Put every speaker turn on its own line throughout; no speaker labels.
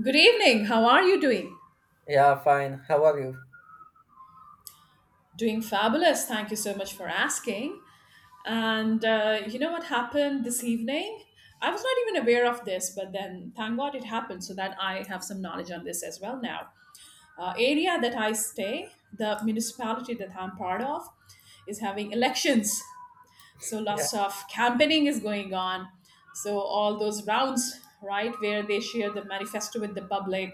Good evening. How are you doing?
Yeah, fine. How are you?
Doing fabulous. Thank you so much for asking. And you know what happened this evening? I was not even aware of this, but then thank God it happened so that I have some knowledge on this as well now. Area that I stay, the municipality that I'm part of, is having elections. So
Yeah.
lots of campaigning is going on. So all those rounds, right, where they share the manifesto with the public,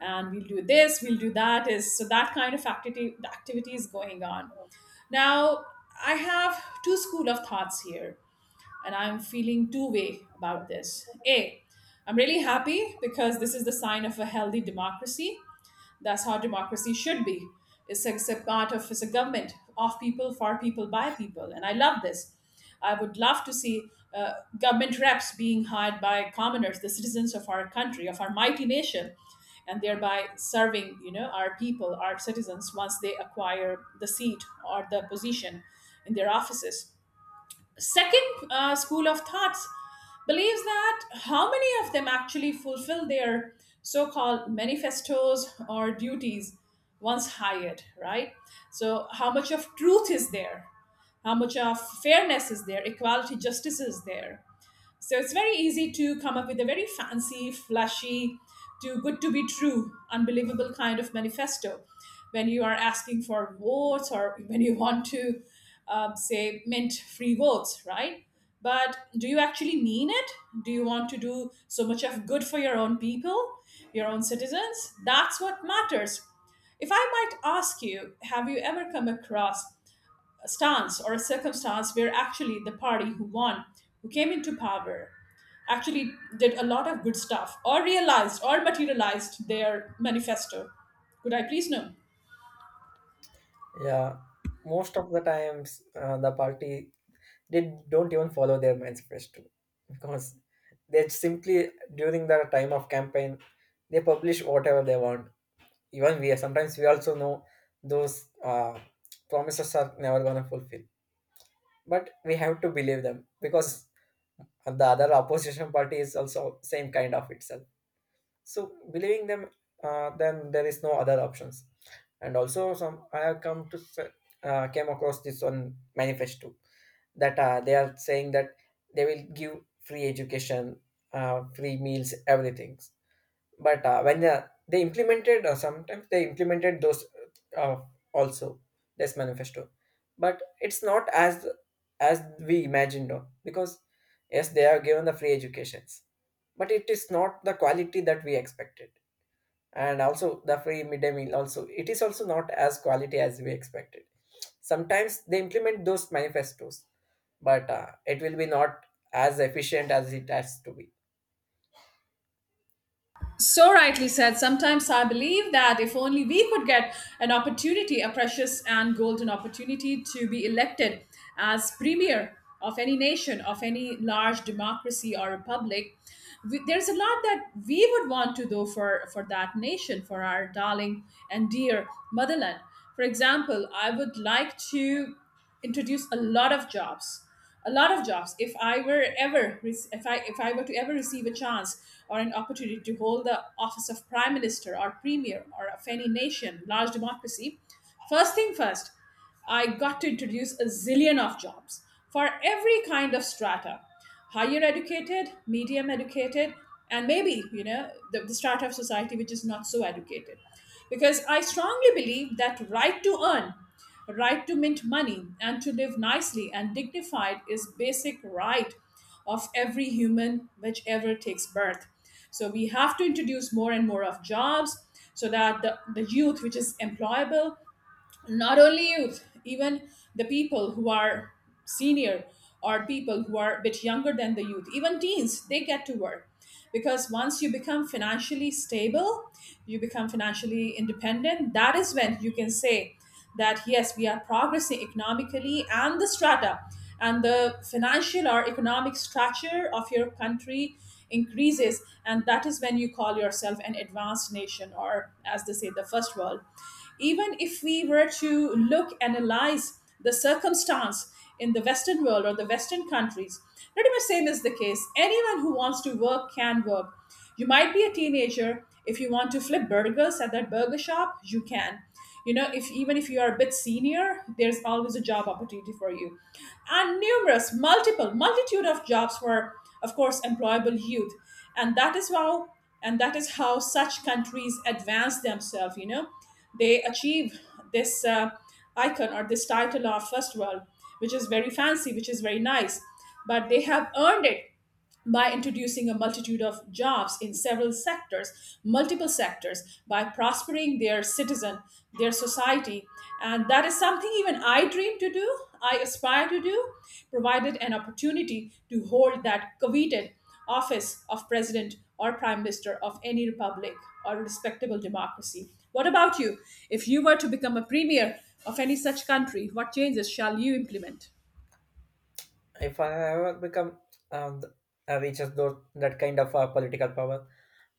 and we'll do this we'll do that, is so that kind of activity is going on now. I have two school of thoughts here, and I'm feeling two-way about this. A, I'm really happy because this is the sign of a healthy democracy. That's how democracy should be. It's a government of people, for people, by people, and I love this. I would love to see uh, government reps being hired by commoners, the citizens of our country, of our mighty nation, and thereby serving our people, our citizens, once they acquire the seat or the position in their offices. Second school of thoughts believes that how many of them actually fulfill their so-called manifestos or duties once hired, right? So how much of truth is there? How much of fairness is there? Equality, justice is there? So it's very easy to come up with a very fancy, flashy, too good to be true, unbelievable kind of manifesto when you are asking for votes, or when you want to say mint free votes, right? But do you actually mean it? Do you want to do so much of good for your own people, your own citizens? That's what matters. If I might ask you, have you ever come across stance or a circumstance where actually the party who won, who came into power, actually did a lot of good stuff, or realized or materialized their manifesto? Could I please know?
Yeah, most of the times the party they don't even follow their manifesto because they simply during the time of campaign they publish whatever they want. Even we sometimes we also know those promises are never gonna fulfill, but we have to believe them because the other opposition party is also same kind of itself. So believing them, then there is no other options. And also some I have come to s- came across this on manifesto that they are saying that they will give free education, free meals, everything. But when they implemented, sometimes they implemented those, uh, also this manifesto, but it's not as as we imagined, because yes, they are given the free educations, but it is not the quality that we expected. And also the free midday meal also, it is also not as quality as we expected. Sometimes they implement those manifestos, but it will be not as efficient as it has to be.
So rightly said. Sometimes I believe that if only we could get an opportunity, a precious and golden opportunity to be elected as premier of any nation, of any large democracy or republic, there's a lot that we would want to do for, that nation, for our darling and dear motherland. For example, I would like to introduce a lot of jobs. A lot of jobs. If I were to ever receive a chance or an opportunity to hold the office of prime minister or premier or of any nation, large democracy, first thing first, I got to introduce a zillion of jobs for every kind of strata: higher educated, medium educated, and maybe, the strata of society which is not so educated. Because I strongly believe that right to earn, right to mint money, and to live nicely and dignified is basic right of every human which ever takes birth. So we have to introduce more and more of jobs, so that the youth which is employable, not only youth, even the people who are senior, or people who are a bit younger than the youth, even teens, they get to work. Because once you become financially stable, you become financially independent. That is when you can say that yes, we are progressing economically, and the strata and the financial or economic structure of your country increases. And that is when you call yourself an advanced nation, or as they say, the first world. Even if we were to look, analyze the circumstance in the Western world or the Western countries, pretty much same is the case. Anyone who wants to work can work. You might be a teenager. If you want to flip burgers at that burger shop, you can. You know, if even if you are a bit senior, there's always a job opportunity for you. And numerous, multiple, multitude of jobs for, of course, employable youth. And that is how and that is how such countries advance themselves. They achieve this icon or this title of first world, which is very fancy, which is very nice. But they have earned it by introducing a multitude of jobs in several sectors, multiple sectors, by prospering their citizen, their society. And that is something even I dream to do, I aspire to do, provided an opportunity to hold that coveted office of president or prime minister of any republic or respectable democracy. What about you? If you were to become a premier of any such country, what changes shall you implement?
If I ever become, um, reaches those that kind of political power,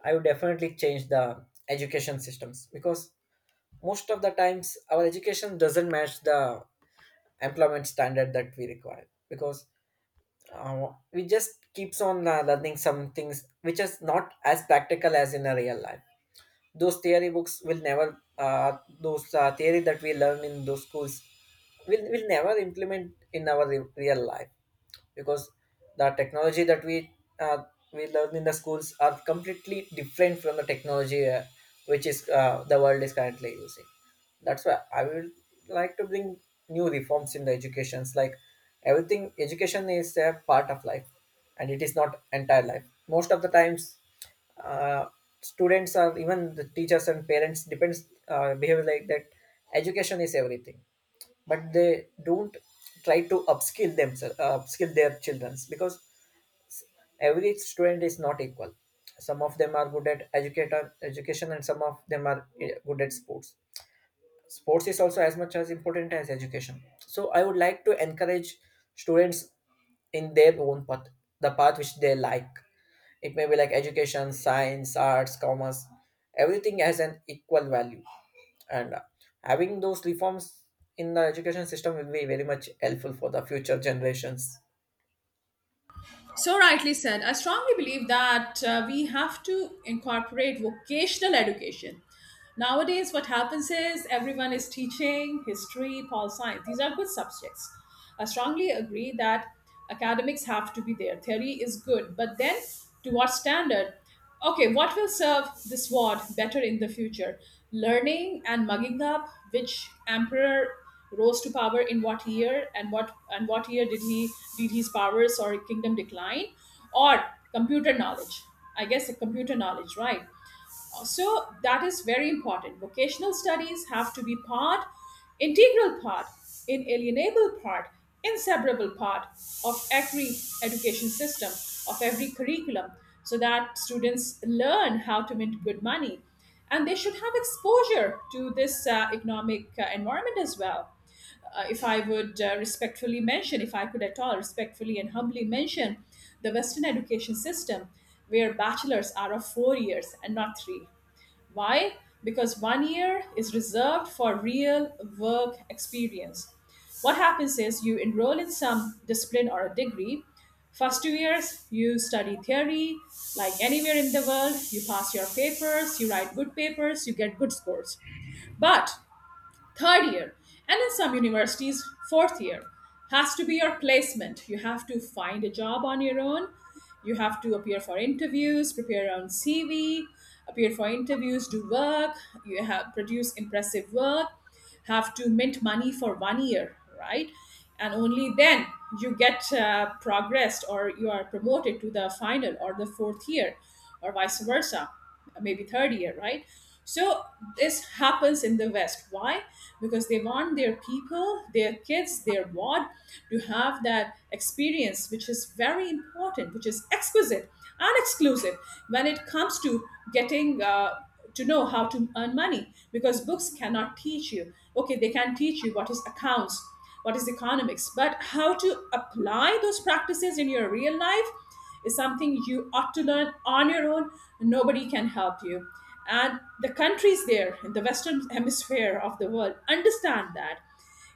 I would definitely change the education systems because most of the times our education doesn't match the employment standard that we require because we just keeps on learning some things which is not as practical as in a real life. Those theory books will never, those theory that we learn in those schools will never implement in our real life because the technology that uh, we learn in the schools are completely different from the technology which is the world is currently using. That's why I would like to bring new reforms in the educations. Like everything, education is a part of life and it is not entire life. Most of the times, uh, students or even the teachers and parents depends, behave like that education is everything, but they don't try to upskill themselves, upskill their childrens because s- every student is not equal. Some of them are good at educator education and some of them are good at sports. Sports is also as much as important as education. So I would like to encourage students in their own path, the path which they like. It may be like education, science, arts, commerce. Everything has an equal value. And having those reforms in the education system will be very much helpful for the future generations.
So rightly said. I strongly believe that we have to incorporate vocational education. Nowadays, what happens is everyone is teaching history, pol science. These are good subjects. I strongly agree that academics have to be there. Theory is good, but then to what standard? Okay, what will serve this ward better in the future? Learning and mugging up which emperor rose to power in what year, and what year did he did his powers or kingdom decline? Or computer knowledge. I guess the computer knowledge, right? So that is very important. Vocational studies have to be part, integral part, inalienable part, inseparable part of every education system, of every curriculum, so that students learn how to make good money, and they should have exposure to this economic environment as well. If I would respectfully mention, if I could at all respectfully and humbly mention, the Western education system, where bachelors are of 4 years and not three. Why? Because one year is reserved for real work experience. What happens is you enroll in some discipline or a degree. First 2 years, you study theory, like anywhere in the world, you pass your papers, you write good papers, you get good scores. But third year, and in some universities, fourth year, has to be your placement. You have to find a job on your own. You have to appear for interviews, prepare your own CV, appear for interviews, do work. You have produce impressive work. Have to mint money for one year, right? And only then you get progressed, or you are promoted to the final or the fourth year, or vice versa, maybe third year, right? So this happens in the West. Why? Because they want their people, their kids, their ward to have that experience, which is very important, which is exquisite and exclusive when it comes to getting to know how to earn money. Because books cannot teach you. Okay, they can teach you what is accounts, what is economics, but how to apply those practices in your real life is something you ought to learn on your own. Nobody can help you. And the countries there in the Western hemisphere of the world understand that.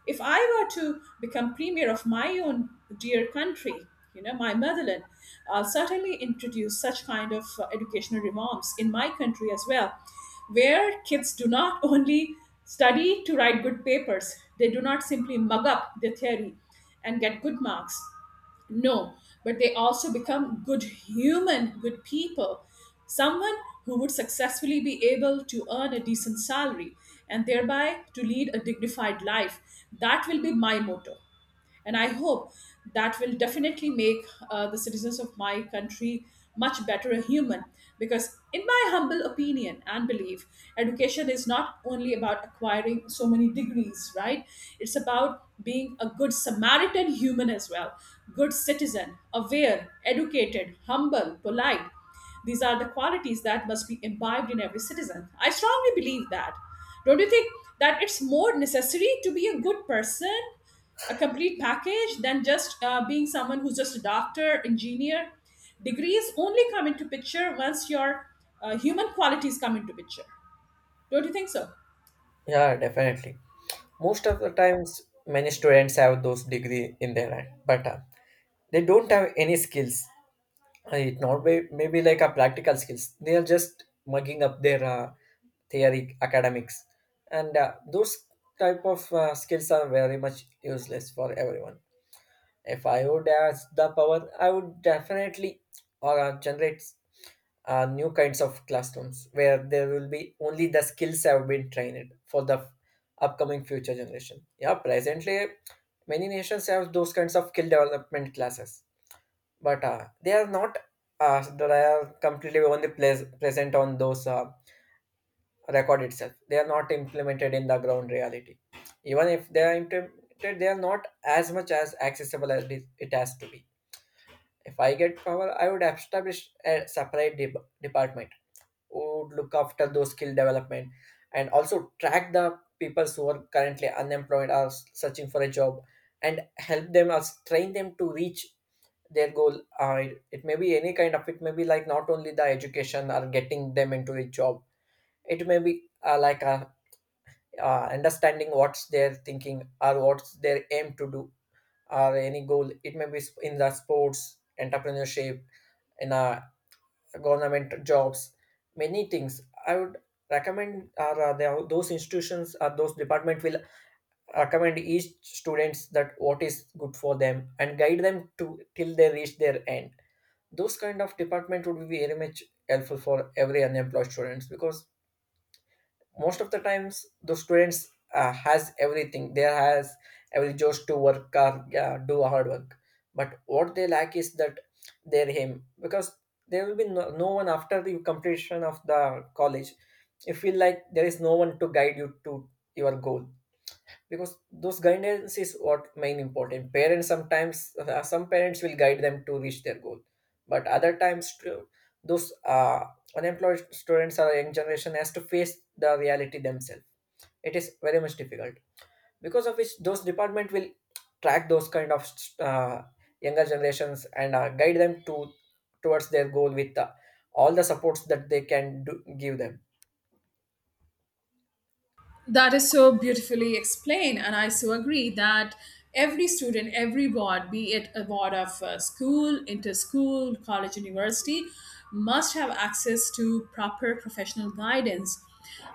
If I were to become premier of my own dear country, my motherland, I'll certainly introduce such kind of educational reforms in my country as well, where kids do not only study to write good papers, they do not simply mug up their theory and get good marks, no, but they also become good human, good people. Someone who would successfully be able to earn a decent salary, and thereby to lead a dignified life. That will be my motto, and I hope that will definitely make the citizens of my country much better a human. Because in my humble opinion and belief, education is not only about acquiring so many degrees, right? It's about being a good samaritan human as well, good citizen, aware, educated, humble, polite. These are the qualities that must be imbibed in every citizen. I strongly believe that. Don't you think that it's more necessary to be a good person, a complete package, than just being someone who's just a doctor, engineer? Degrees only come into picture once your human qualities come into picture. Don't you think so?
Yeah, definitely. Most of the times many students have those degree in their hand, but they don't have any skills. It not be, maybe like a practical skills. They are just mugging up their theory academics, and those type of skills are very much useless for everyone. If I would ask the power, I would definitely generate new kinds of classrooms where there will be only the skills have been trained for the upcoming future generation. Yeah, presently many nations have those kinds of skill development classes, but they are not they are completely only place, present on those record itself. They are not implemented in the ground reality. Even if they are implemented, they are not as much as accessible as it has to be. If I get power, I would establish a separate department who would look after those skill development and also track the people who are currently unemployed or searching for a job and help them or train them to reach their goal. It, it may be any kind of. It may be like not only the education or getting them into a job. It may be understanding what's their thinking or what's their aim to do or any goal. It may be in the sports, entrepreneurship, in a government jobs. Many things I would recommend are, there are those institutions or those department will recommend each students that what is good for them and guide them to till they reach their end. Those kind of department would be very much helpful for every unemployed students because most of the times the students has everything. They has every just to work or do hard work, but what they lack is that their aim because there will be no one after the completion of the college. You feel like there is no one to guide you to your goal because those guidance is what main important. Parents sometimes, some parents will guide them to reach their goal, but other times too, those unemployed students or young generation has to face the reality themselves. It is very much difficult, because of which those department will track those kind of uh, younger generations and guide them to towards their goal with all the supports that they can do, give them.
That is so beautifully explained, and I so agree that every student, every board, be it a board of school, inter school, college, university, must have access to proper professional guidance.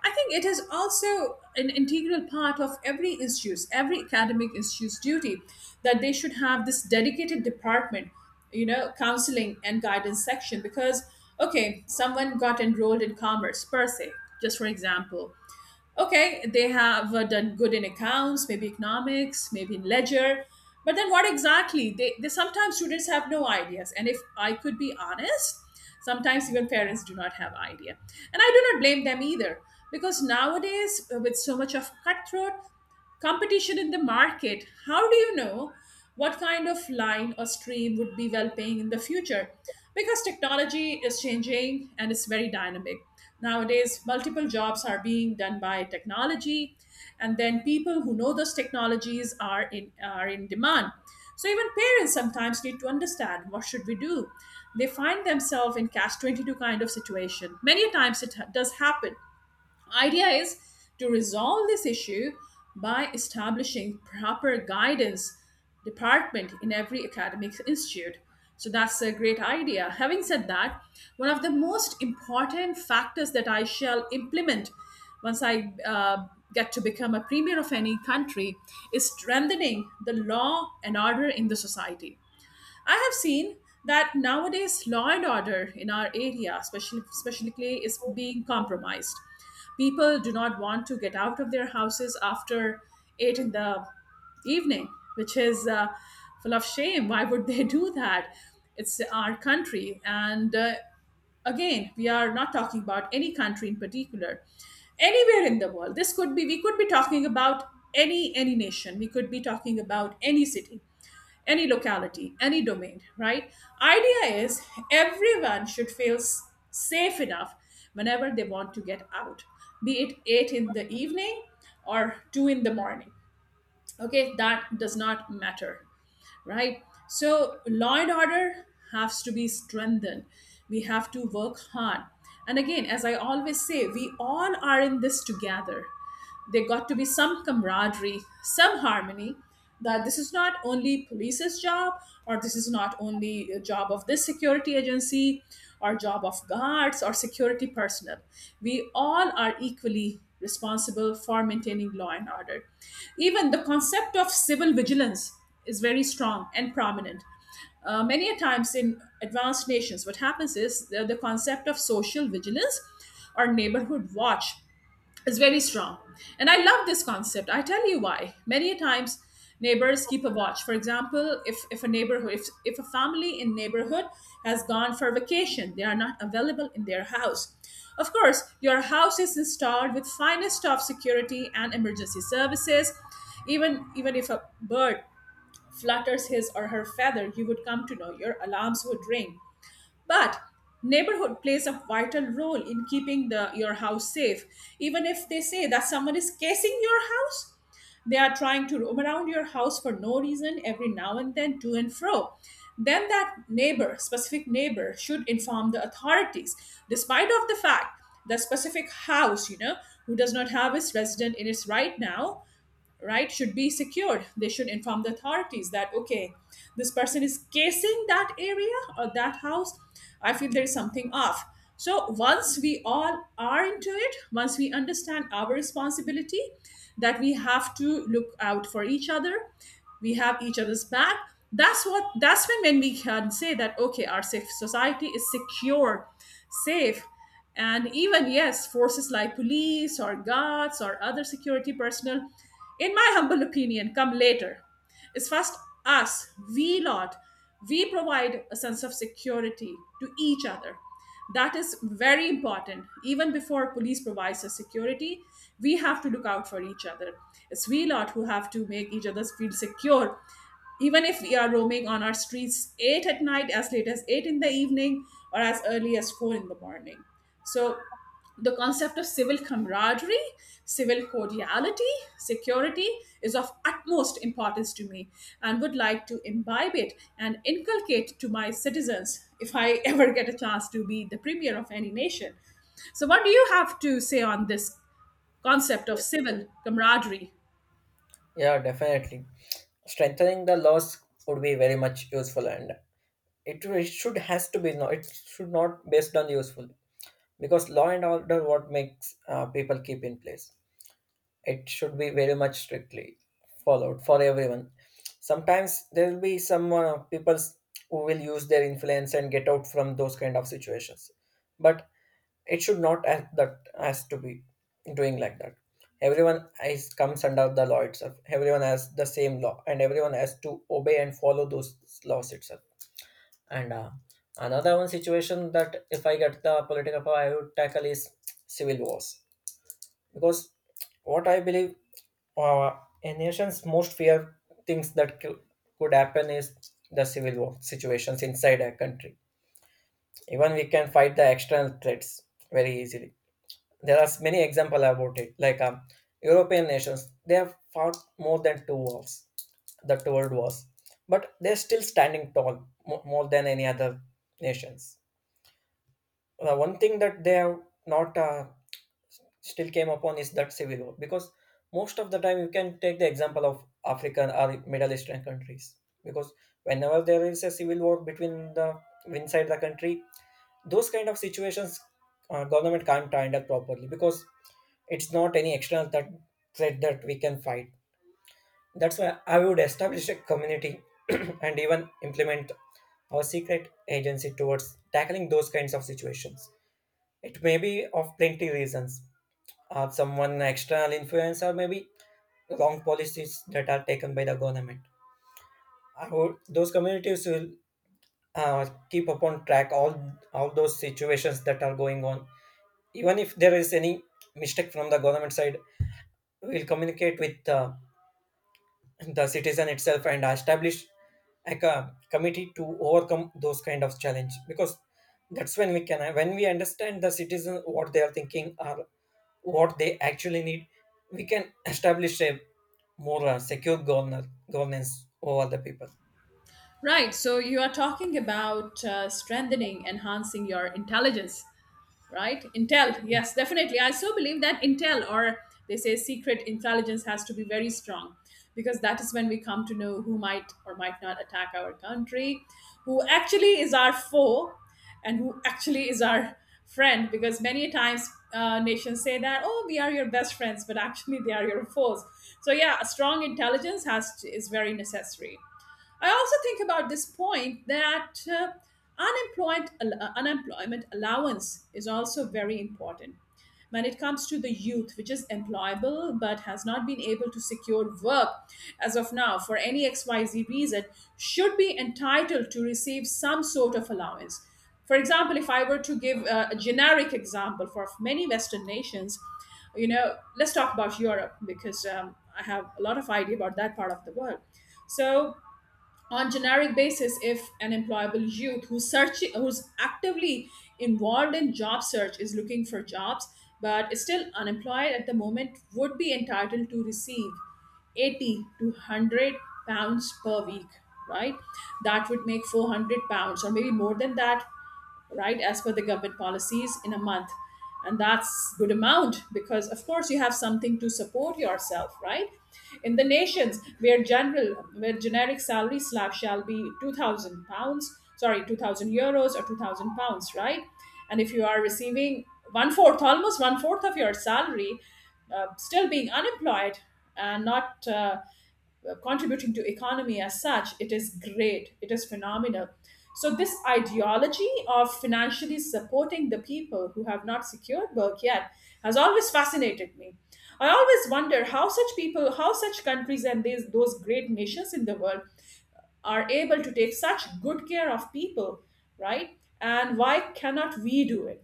I think it is also an integral part of every institute, every academic institute's duty, that they should have this dedicated department, counseling and guidance section. Because, okay, someone got enrolled in commerce per se, just for example, okay, they have done good in accounts, maybe economics, maybe in ledger. But then what exactly? They sometimes students have no ideas. And if I could be honest, sometimes even parents do not have idea. And I do not blame them either because nowadays with so much of cutthroat, competition in the market, how do you know what kind of line or stream would be well paying in the future? Because technology is changing and it's very dynamic. Nowadays multiple jobs are being done by technology, and then people who know those technologies are in demand. So even parents sometimes need to understand, what should we do? They find themselves in cash 22 kind of situation. Many a times it does happen. Idea is to resolve this issue by establishing proper guidance department in every academic institute. So that's a great idea. Having said that, one of the most important factors that I shall implement once I get to become a premier of any country is strengthening the law and order in the society. I have seen that nowadays law and order in our area, especially specifically, is being compromised. People do not want to get out of their houses after eight in the evening, which is full of shame. Why would they do that? It's our country, and again, we are not talking about any country in particular. Anywhere in the world, this could be. We could be talking about any nation. We could be talking about any city, any locality, any domain, right? Idea is everyone should feel safe enough whenever they want to get out, be it 8 in the evening or 2 in the morning. Okay, that does not matter, right? So, law and order has to be strengthened. We have to work hard. And again, as I always say, we all are in this together. There got to be some camaraderie, some harmony, that this is not only police's job, or this is not only a job of this security agency, or job of guards or security personnel. We all are equally responsible for maintaining law and order. Even the concept of civil vigilance is very strong and prominent. Many a times in advanced nations, what happens is, the concept of social vigilance or neighborhood watch is very strong. And I love this concept. I tell you why. Many a times neighbors keep a watch. For example, if a neighborhood, if a family in neighborhood has gone for vacation, they are not available in their house. Of course, your house is installed with finest of security and emergency services. Even if a bird flutters his or her feather, you would come to know. Your alarms would ring. But neighborhood plays a vital role in keeping your house safe. Even if they say that someone is casing your house, they are trying to roam around your house for no reason every now and then, to and fro, then that neighbor, specific neighbor, should inform the authorities. Despite of the fact the specific house, you know, who does not have its resident in its right now, right, should be secured. They should inform the authorities that, okay, this person is casing that area or that house, I feel there is something off. So once we all are into it, once we understand our responsibility that we have to look out for each other, we have each other's back, that's when we can say that okay, our safe society is secure, safe. And even yes, forces like police or guards or other security personnel, in my humble opinion, come later. It's first us, we lot, we provide a sense of security to each other. That is very important. Even before police provides us security, we have to look out for each other. It's we lot who have to make each other feel secure, even if we are roaming on our streets eight at night, as late as eight in the evening, or as early as four in the morning. So the concept of civil camaraderie, civil cordiality, security is of utmost importance to me, and would like to imbibe it and inculcate to my citizens if I ever get a chance to be the premier of any nation. So, what do you have to say on this concept of civil camaraderie?
Yeah, definitely. Strengthening the laws would be very much useful, and it, should has to be no. It should not based on useful because law and order what makes people keep in place, it should be very much strictly followed for everyone. Sometimes there will be some people who will use their influence and get out from those kind of situations, but it should not as that has to be doing like that. Everyone is comes under the law itself. Everyone has the same law, and everyone has to obey and follow those laws itself. And another one situation that if I get the political power, I would tackle is civil wars because what I believe, uh, a nation's most feared things that could happen is the civil war situations inside a country. Even we can fight the external threats very easily. There are many examples about it, like European nations. They have fought more than two wars, the two world wars, but they're still standing tall more than any other nations. The one thing that they have not, still came upon is that civil war because most of the time you can take the example of African or Middle Eastern countries because whenever there is a civil war between the inside the country, those kind of situations, government can't handle properly because it's not any external that threat that we can fight. That's why I would establish a community and even implement our secret agency towards tackling those kinds of situations. It may be of plenty reasons. Someone external influence or maybe wrong policies that are taken by the government. I hope those communities will keep upon track all those situations that are going on. Even if there is any mistake from the government side, we'll communicate with the citizen itself and establish like a committee to overcome those kind of challenge. Because that's when we can, when we understand the citizen what they are thinking or what they actually need, we can establish a more governance over the people.
Right, so you are talking about strengthening, enhancing your intelligence, right? Intel, yes, definitely. I so believe that Intel, or they say secret intelligence, has to be very strong, because that is when we come to know who might or might not attack our country, who actually is our foe, and who actually is our friend. Because many times nations say that, oh, we are your best friends, but actually they are your foes. So yeah, a strong intelligence is very necessary. I also think about this point that unemployment allowance is also very important when it comes to the youth, which is employable but has not been able to secure work as of now for any XYZ reason, should be entitled to receive some sort of allowance. For example, if I were to give a generic example for many Western nations, you know, let's talk about Europe because I have a lot of idea about that part of the world. So on generic basis, if an employable youth who's actively involved in job search, is looking for jobs but is still unemployed at the moment, would be entitled to receive 80 to £100 per week, right? That would make £400 or maybe more than that, right, as per the government policies in a month. And that's good amount, because of course you have something to support yourself, right? In the nations where general where generic salary slab shall be £2,000, sorry, €2,000 or £2,000, right? And if you are receiving one fourth of your salary, still being unemployed and not contributing to economy as such, it is great, it is phenomenal. So this ideology of financially supporting the people who have not secured work yet has always fascinated me. I always wonder how such people, how such countries and those great nations in the world are able to take such good care of people, right? And why cannot we do it?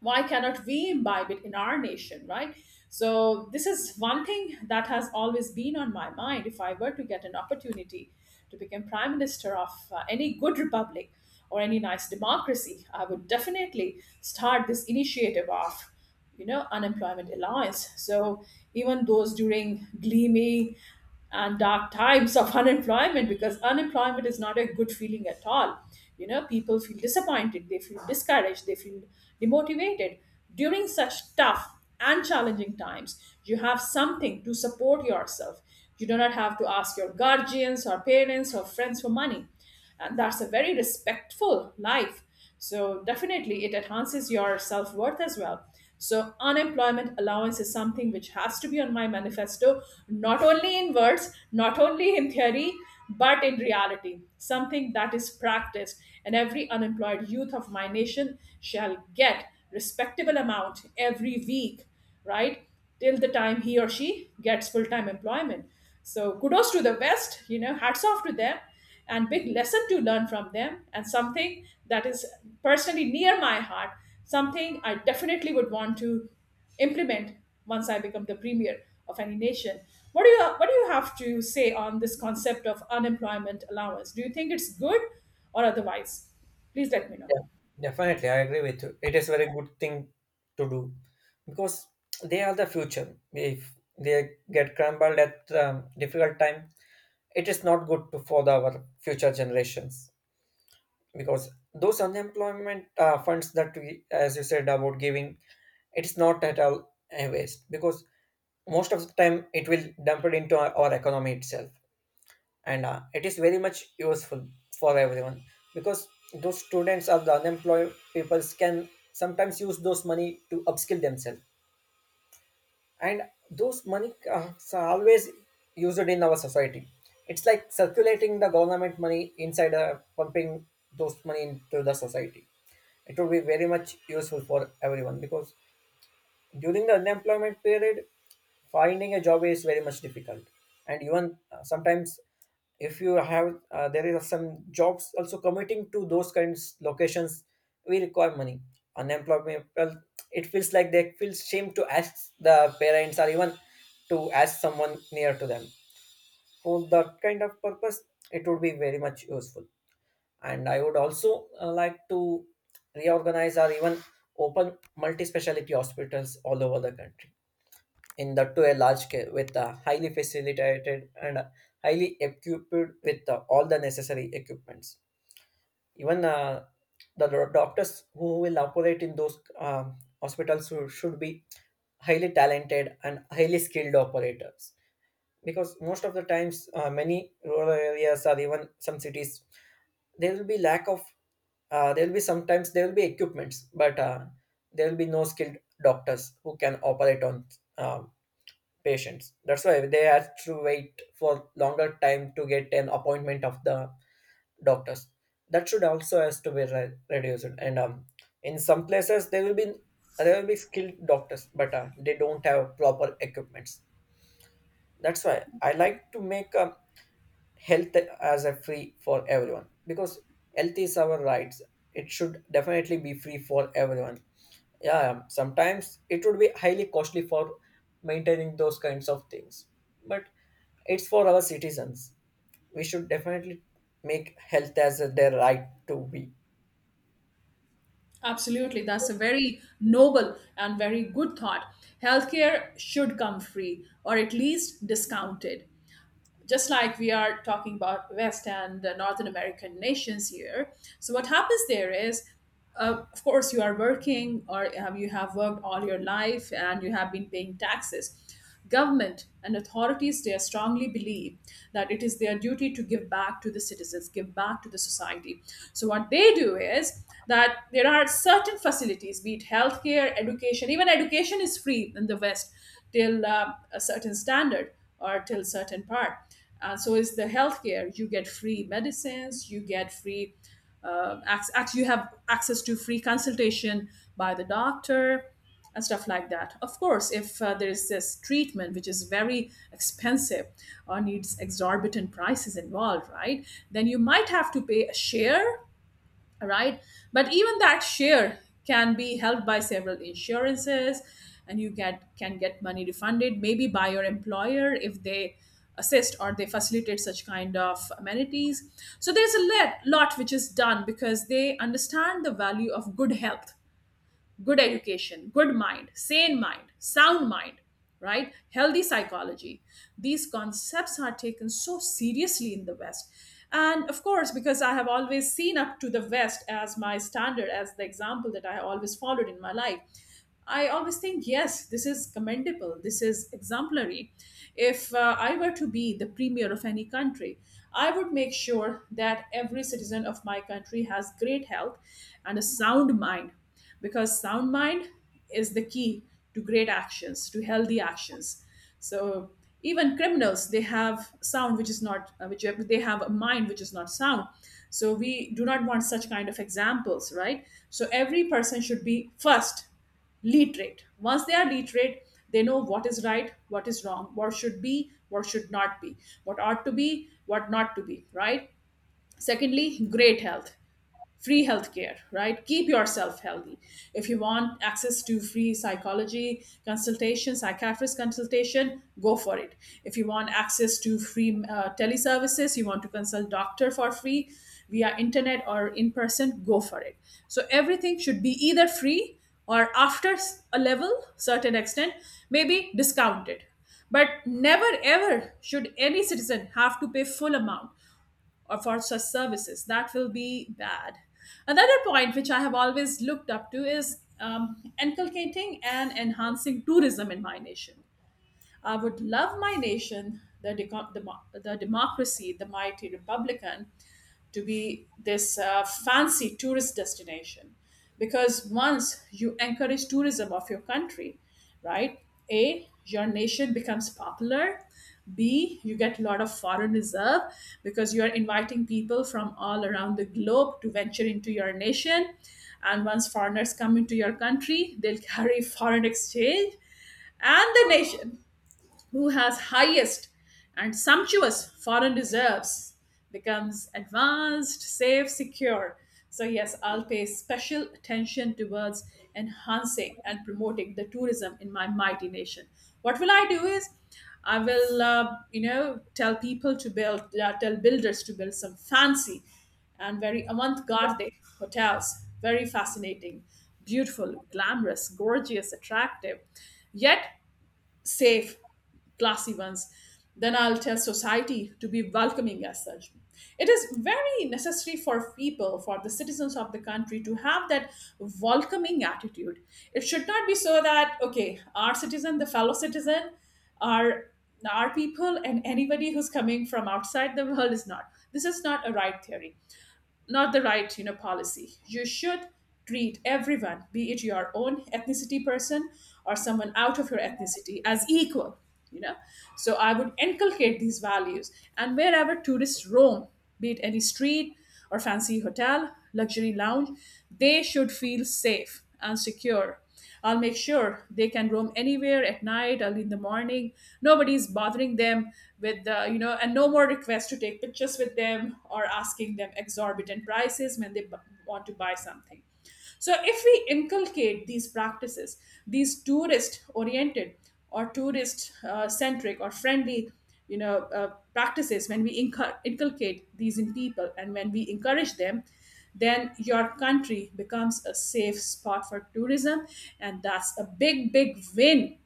Why cannot we imbibe it in our nation, right? So this is one thing that has always been on my mind. If I were to get an opportunity to become prime minister of any good republic or any nice democracy, I would definitely start this initiative off, you know, unemployment allowance. So even those during gloomy and dark times of unemployment, because unemployment is not a good feeling at all. You know, people feel disappointed, they feel discouraged, they feel demotivated. During such tough and challenging times, you have something to support yourself. You do not have to ask your guardians or parents or friends for money, and that's a very respectful life. So definitely it enhances your self-worth as well. So unemployment allowance is something which has to be on my manifesto, not only in words, not only in theory, but in reality, something that is practiced, and every unemployed youth of my nation shall get respectable amount every week, right, till the time he or she gets full-time employment. So kudos to the West, you know, hats off to them, and big lesson to learn from them, and something that is personally near my heart, something I definitely would want to implement once I become the premier of any nation. What do you have to say on this concept of unemployment allowance? Do you think it's good or otherwise? Please let me know.
Yeah, definitely, I agree with you. It is very good thing to do because they are the future. If they get crumbled at difficult time, it is not good to, for the, our future generations. Because those unemployment funds that we, as you said, about giving, it's not at all a waste because most of the time it will dump it into our economy itself, and it is very much useful for everyone because those students or the unemployed peoples can sometimes use those money to upskill themselves. And those money are always used in our society. It's like circulating the government money inside, pumping those money into the society. It would be very much useful for everyone because during the unemployment period, finding a job is very much difficult, and even sometimes if you have, there is some jobs also committing to those kinds locations, we require money. Unemployment people, it feels like they feel shame to ask the parents or even to ask someone near to them for that kind of purpose. It would be very much useful. And I would also like to reorganize or even open multi-speciality hospitals all over the country in that to a large scale, with a highly facilitated and highly equipped with all the necessary equipments. Even the doctors who will operate in those hospitals who should be highly talented and highly skilled operators because most of the times many rural areas or even some cities there will be lack of, there will be sometimes there will be equipments, but there will be no skilled doctors who can operate on uh, patients. That's why they have to wait for longer time to get an appointment of the doctors. That should also has to be reduced. And In some places there will be skilled doctors, but they don't have proper equipments. That's why I like to make health as a free for everyone because health is our rights. It should definitely be free for everyone. Yeah, sometimes it would be highly costly for maintaining those kinds of things but it's for our citizens. We should definitely make health as their right to be.
Absolutely. That's a very noble and very good thought. Healthcare should come free or at least discounted. Just like we are talking about West and Northern American nations here. So what happens there is, of course, you are working, or you have worked all your life and you have been paying taxes. Government and authorities, they strongly believe that it is their duty to give back to the citizens, give back to the society. So what they do is that there are certain facilities, be it healthcare, education. Even education is free in the West till a certain standard or till certain part. And so is the healthcare. You get free medicines, you get free you have access to free consultation by the doctor and stuff like that. Of course if there is this treatment which is very expensive or needs exorbitant prices involved, right, then you might have to pay a share, all right? But even that share can be held by several insurances, and you get can get money refunded maybe by your employer if they assist or they facilitate such kind of amenities. So there's a lot which is done, because they understand the value of good health, good education, good mind, sane mind, sound mind, right? Healthy psychology. These concepts are taken so seriously in the West. And of course, because I have always seen up to the West as my standard, as the example that I always followed in my life, I always think, yes, this is commendable, this is exemplary. If I were to be the premier of any country, I would make sure that every citizen of my country has great health and a sound mind, because sound mind is the key to great actions, to healthy actions. So even criminals, they have sound which is not which they have a mind which is not sound, so we do not want such kind of examples, right? So every person should be first literate. Once they are literate, they know what is right, what is wrong, what should be, what should not be, what ought to be, what not to be, right? Secondly, great health, free healthcare, right? Keep yourself healthy. If you want access to free psychology consultation, psychiatrist consultation, go for it. If you want access to free teleservices, you want to consult doctor for free via internet or in person, go for it. So everything should be either free or after a level, certain extent, maybe discounted. But never ever should any citizen have to pay full amount or for such services. That will be bad. Another point which I have always looked up to is inculcating and enhancing tourism in my nation. I would love my nation, the, the, the democracy, the mighty Republican, to be this fancy tourist destination. Because once you encourage tourism of your country, right? A, your nation becomes popular. B, you get a lot of foreign reserve because you are inviting people from all around the globe to venture into your nation. And once foreigners come into your country, they'll carry foreign exchange, and the nation who has highest and sumptuous foreign reserves becomes advanced, safe, secure. So, yes, I'll pay special attention towards enhancing and promoting the tourism in my mighty nation. What will I do is I will, tell people to build, tell builders to build some fancy and very avant-garde hotels, very fascinating, beautiful, glamorous, gorgeous, attractive, yet safe, classy ones. Then I'll tell society to be welcoming as such. It is very necessary for people, for the citizens of the country, to have that welcoming attitude. It should not be so that, okay, our citizen, the fellow citizen, our our people and anybody who's coming from outside the world is not. This is not a right theory, not the right, policy. You should treat everyone, be it your own ethnicity person or someone out of your ethnicity, as equal, you know so I would inculcate these values, and wherever tourists roam, be it any street or fancy hotel, luxury lounge, they should feel safe and secure. I'll make sure they can roam anywhere at night, early in the morning. Nobody's bothering them with the, and no more requests to take pictures with them or asking them exorbitant prices when they want to buy something. So, if we inculcate these practices, these tourist oriented or tourist centric or friendly, practices, when we inculcate these in people and when we encourage them, then your country becomes a safe spot for tourism, and that's a big win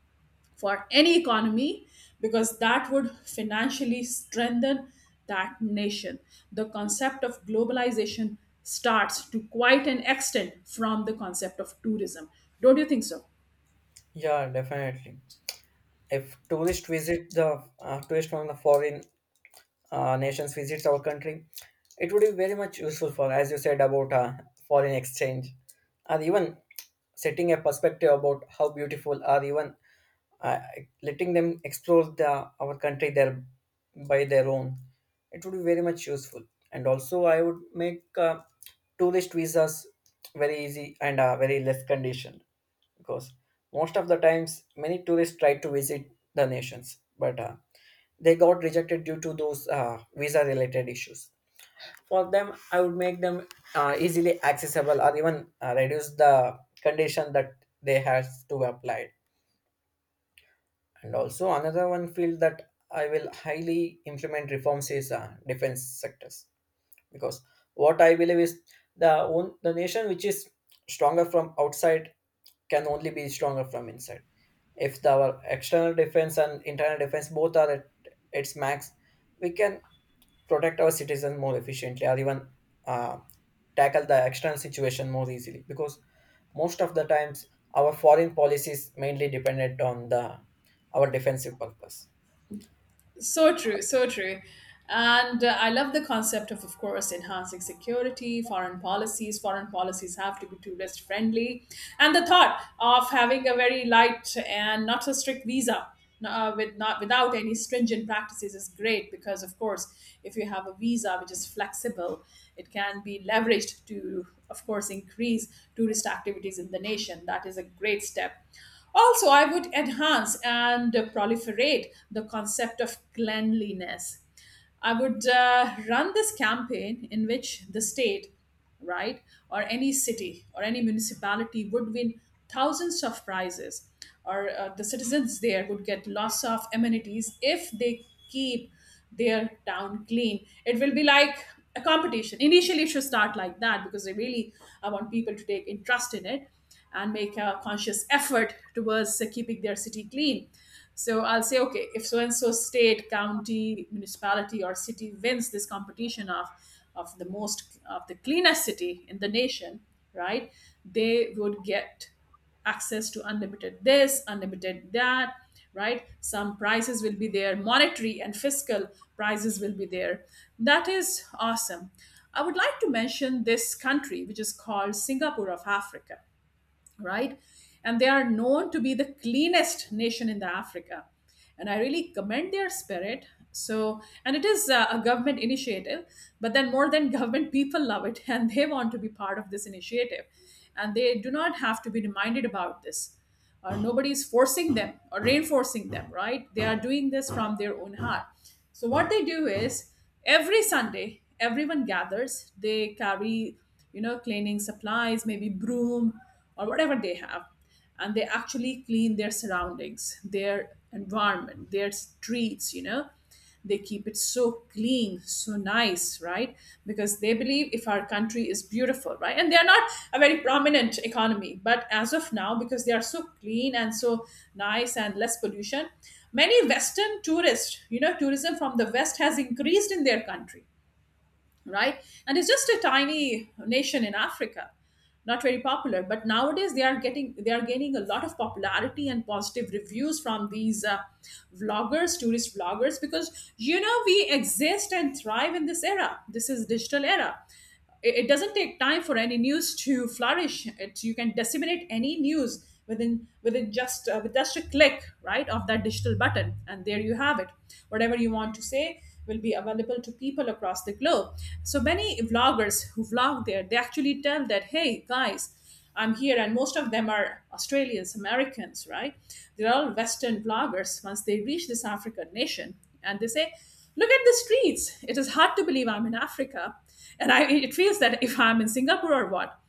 for any economy, because that would financially strengthen that nation. The concept of globalization starts to quite an extent from the concept of tourism. Don't you think so?
Yeah, definitely. If tourist visit the tourist from the foreign nations visits our country, it would be very much useful for, as you said about foreign exchange, or even setting a perspective about how beautiful or even uh, letting them explore the our country their by their own, it would be very much useful. And also I would make tourist visas very easy and very less condition, because most of the times many tourists try to visit the nations but they got rejected due to those visa related issues. For them I would make them easily accessible or even reduce the condition that they have to apply. And also another one field that I will highly implement reforms is defense sectors, because what I believe is the own, the nation which is stronger from outside can only be stronger from inside. If the, our external defense and internal defense both are at its max, we can protect our citizens more efficiently or even uh, tackle the external situation more easily, because most of the times our foreign policy is mainly dependent on the our defensive purpose.
So true, so true. And I love the concept of course, enhancing security, foreign policies. Foreign policies have to be tourist friendly. And the thought of having a very light and not so strict visa, with not without any stringent practices, is great, because of course, if you have a visa which is flexible, it can be leveraged to of course increase tourist activities in the nation. That is a great step. Also, I would enhance and proliferate the concept of cleanliness. I would run this campaign in which the state, right, or any city or any municipality would win thousands of prizes, or the citizens there would get lots of amenities if they keep their town clean. It will be like a competition. Initially, it should start like that, because I want people to take interest in it and make a conscious effort towards keeping their city clean. So I'll say, okay, if so and so state, county, municipality, or city wins this competition of the most of the cleanest city in the nation, right? They would get access to unlimited this, unlimited that, right? Some prices will be there, monetary and fiscal prices will be there. That is awesome. I would like to mention this country, which is called Singapore of Africa, right? And they are known to be the cleanest nation in the Africa. And I really commend their spirit. So, and it is a government initiative, but then more than government, people love it and they want to be part of this initiative. And they do not have to be reminded about this. Nobody is forcing them or reinforcing them, right? They are doing this from their own heart. So what they do is every Sunday, everyone gathers. They carry, you know, cleaning supplies, maybe broom or whatever they have, and they actually clean their surroundings, their environment, their streets. You know, they keep it so clean, so nice, right? Because they believe if our country is beautiful, right? And they are not a very prominent economy, but as of now, because they are so clean and so nice and less pollution, many western tourists, you know, tourism from the west has increased in their country, right? And it's just a tiny nation in Africa, not very popular, but nowadays they are getting, they are gaining a lot of popularity and positive reviews from these vloggers, tourist vloggers, because you know, we exist and thrive in this era, this is digital era. It doesn't take time for any news to flourish. You can disseminate any news within just with just a click, right, of that digital button, and there you have it. Whatever you want to say will be available to people across the globe. So many vloggers who vlog there, they actually tell that, hey guys, I'm here, and most of them are Australians, Americans, right? They're all Western vloggers, once they reach this African nation. And they say, look at the streets. It is hard to believe I'm in Africa. And I, it feels that if I'm in Singapore or what,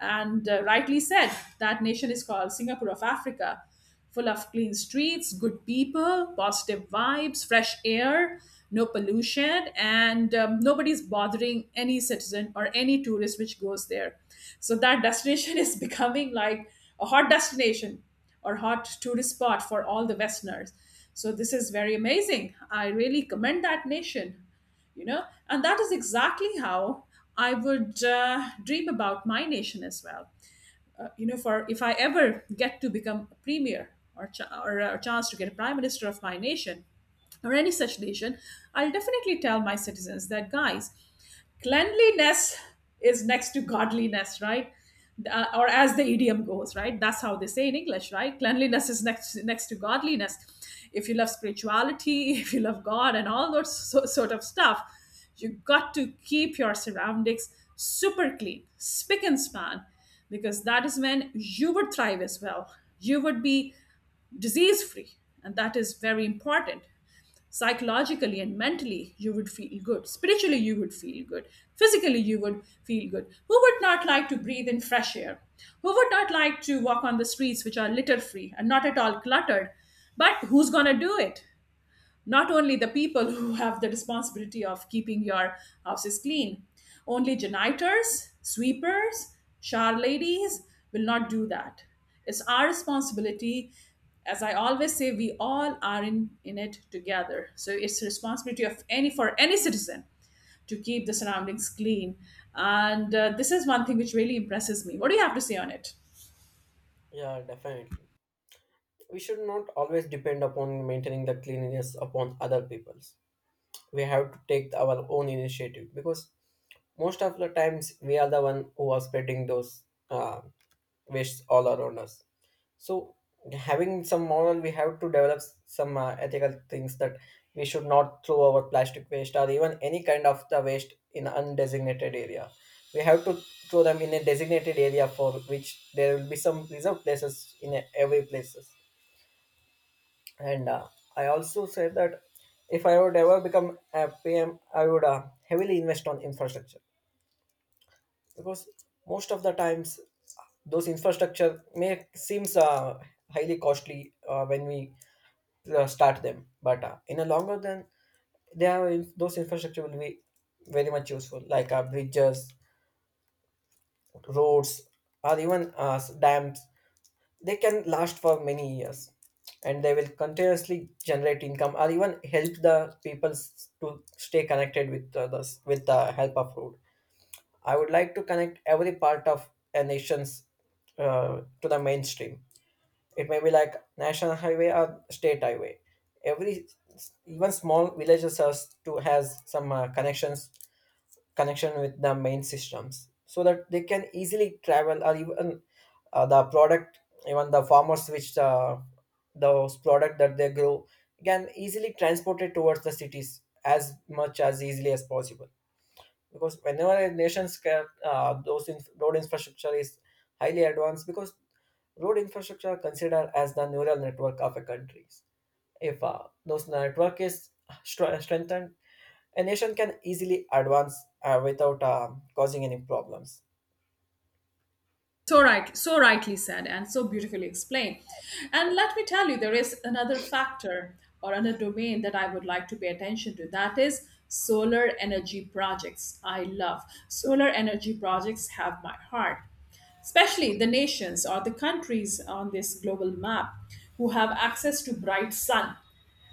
and rightly said, that nation is called Singapore of Africa, full of clean streets, good people, positive vibes, fresh air, no pollution, and nobody's bothering any citizen or any tourist which goes there. So that destination is becoming like a hot destination or hot tourist spot for all the Westerners. So this is very amazing. I really commend that nation, you know, and that is exactly how I would dream about my nation as well. You know, for if I ever get to become a premier or, or a chance to get a prime minister of my nation or any such nation, I'll definitely tell my citizens that, guys, cleanliness is next to godliness, right? Or as the idiom goes, right, that's how they say in English, right, cleanliness is next to godliness. If you love spirituality, if you love god and all those sort of stuff, you got to keep your surroundings super clean, spick and span, because that is when you would thrive as well. You would be disease free, and that is very important. Psychologically and mentally you would feel good, spiritually you would feel good, physically you would feel good. Who would not like to breathe in fresh air? Who would not like to walk on the streets which are litter free and not at all cluttered? But who's going to do it? Not only the people who have the responsibility of keeping your houses clean, only janitors, sweepers, shower ladies, will not do that. It's our responsibility. As I always say, we all are in it together, so it's the responsibility of any citizen to keep the surroundings clean. And this is one thing which really impresses me. What do you have to say on it?
Yeah, definitely. We should not always depend upon maintaining the cleanliness upon other people's. We have to take our own initiative because most of the times we are the one who are spreading those uh, wastes all around us. So, having some moral, we have to develop some ethical things that we should not throw our plastic waste or even any kind of the waste in undesignated area. We have to throw them in a designated area, for which there will be some reserved places in every places. And I also said that if I would ever become a PM, I would heavily invest on infrastructure, because most of the times those infrastructure may seems highly costly when we start them. But in a longer than they have in, those infrastructure will be very much useful, like bridges, roads, or even dams. They can last for many years, and they will continuously generate income or even help the people to stay connected with others with the help of road. I would like to connect every part of a nation's to the mainstream. It may be like national highway or state highway. Every even small villages has to has some connections, connection with the main systems, so that they can easily travel or even the product, even the farmers which those product that they grow can easily transport it towards the cities as much as easily as possible, because whenever a nation's those road infrastructure is highly advanced, because road infrastructure are considered as the neural network of a country. If those network is strengthened, a nation can easily advance without causing any problems.
So right, so rightly said and so beautifully explained. And let me tell you, there is another factor or another domain that I would like to pay attention to. That is solar energy projects. I love solar energy projects. Have my heart, especially the nations or the countries on this global map who have access to bright sun,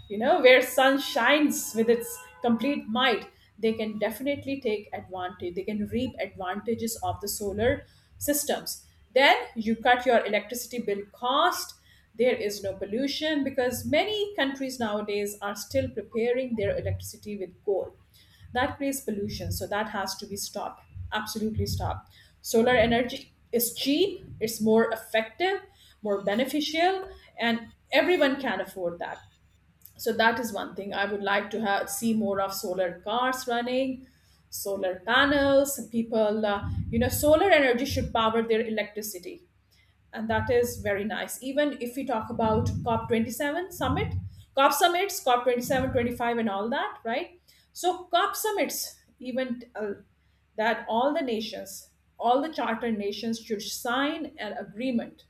you know, where sun shines with its complete might, they can definitely take advantage. They can reap advantages of the solar systems. Then you cut your electricity bill cost. There is no pollution because many countries nowadays are still preparing their electricity with coal. That creates pollution, so that has to be stopped. Absolutely stopped. Solar energy is cheap, it's more effective, more beneficial, and everyone can afford that, so that is one thing I would like to have, see more of solar cars running, solar panels, people. Solar energy should power their electricity, and that is very nice. Even if we talk about COP 27 summit, COP summits, COP 27, 25, and all that, right? So COP summits, even that all the nations, all the charter nations should sign an agreement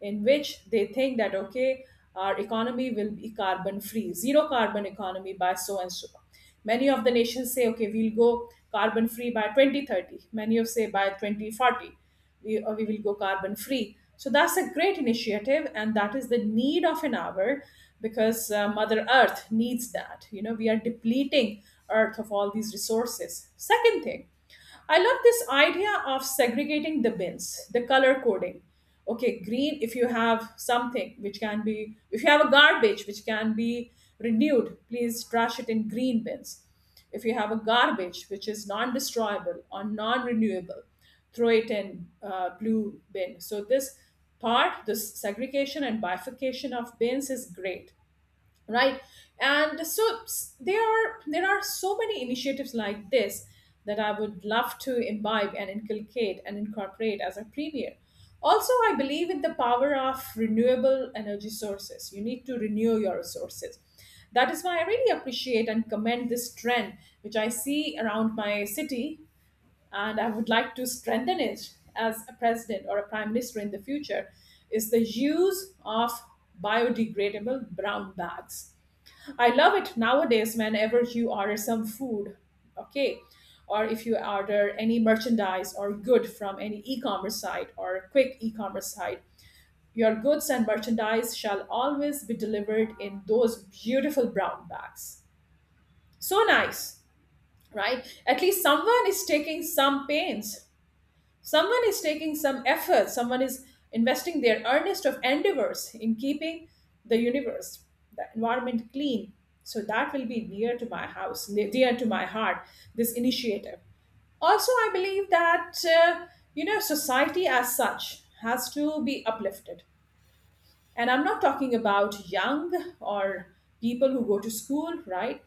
in which they think that, okay, our economy will be carbon free, zero carbon economy by so and so. Many of the nations say, okay, we'll go carbon free by 2030, many of say by 2040 we will go carbon free. So that's a great initiative and that is the need of an hour because mother earth needs that. You know, we are depleting earth of all these resources. Second thing, I love this idea of segregating the bins, the color coding. Okay, green, if you have something which can be, if you have a garbage which can be renewed, please trash it in green bins. If you have a garbage which is non destroyable or non renewable, throw it in blue bin. So this part, this segregation and bifurcation of bins is great, right? And there are so many initiatives like this that I would love to imbibe and inculcate and incorporate as a premier. Also, I believe in the power of renewable energy sources. You need to renew your resources. That is why I really appreciate and commend this trend which I see around my city, and I would like to strengthen it as a president or a prime minister in the future, is the use of biodegradable brown bags. I love it. Nowadays, whenever you order some food, okay, or if you order any merchandise or good from any e commerce site or quick e commerce site, your goods and merchandise shall always be delivered in those beautiful brown bags. So nice, right? At least someone is taking some pains. Someone is taking some effort, someone is investing their earnest of endeavors in keeping the universe, the environment clean. So that will be near to my house, dear to my heart, this initiative. Also, I believe that, society as such has to be uplifted, and I'm not talking about young or people who go to school, right?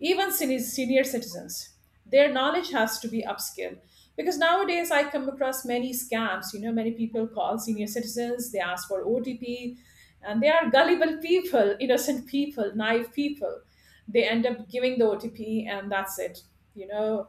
Even senior citizens, their knowledge has to be upskilled. Because nowadays I come across many scams. You know, many people call senior citizens, they ask for OTP, and they are gullible people, innocent people, naive people. They end up giving the OTP and that's it. You know,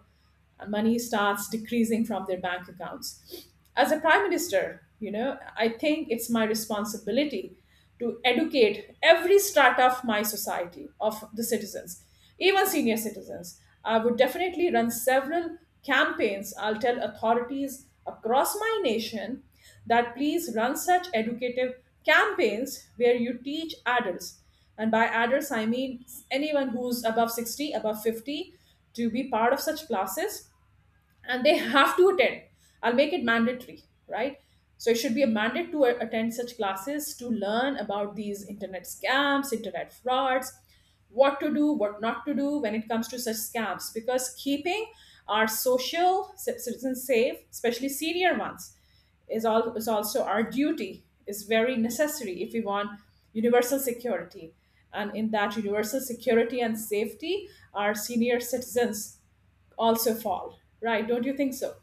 and money starts decreasing from their bank accounts. As a prime minister, you know, I think it's my responsibility to educate every strata of my society, of the citizens, even senior citizens. I would definitely run several campaigns. I'll tell authorities across my nation that please run such educative campaigns where you teach adults, and by adults I mean anyone who's above 60, above 50, to be part of such classes, and they have to attend. I'll make it mandatory, right? So it should be a mandate to attend such classes, to learn about these internet scams, internet frauds, what to do, what not to do when it comes to such scams. Because keeping our social citizens safe, especially senior ones, is also our duty, is very necessary if we want universal security. And in that universal security and safety, our senior citizens also fall, right? Don't you think so?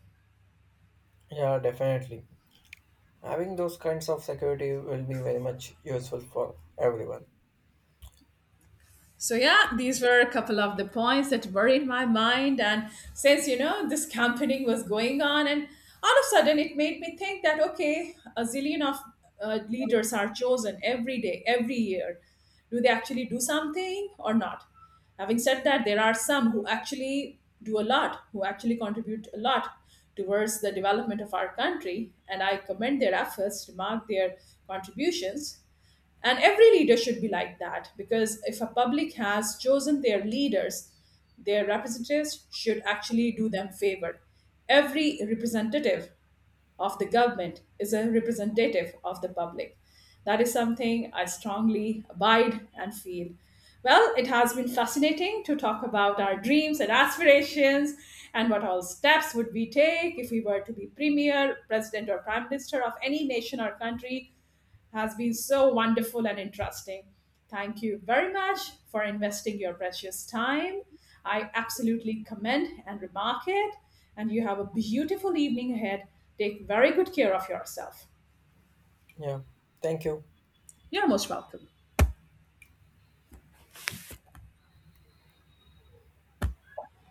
Yeah, definitely. Having those kinds of security will be very much useful for everyone.
So yeah, these were a couple of the points that were in my mind. And since, you know, this campaigning was going on, and all of a sudden it made me think that, okay, a zillion of leaders are chosen every day, every year. Do they actually do something or not? Having said that, there are some who actually do a lot, who actually contribute a lot towards the development of our country, and I commend their efforts, remark their contributions. And every leader should be like that, because if a public has chosen their leaders, their representatives should actually do them favor. Every representative of the government is a representative of the public. That is something I strongly abide and feel. Well, it has been fascinating to talk about our dreams and aspirations, and what all steps would we take if we were to be premier, president, or prime minister of any nation or country has been so wonderful and interesting. Thank you very much for investing your precious time. I absolutely commend and remark it. And you have a beautiful evening ahead. Take very good care of yourself.
Yeah, thank you.
You're most welcome.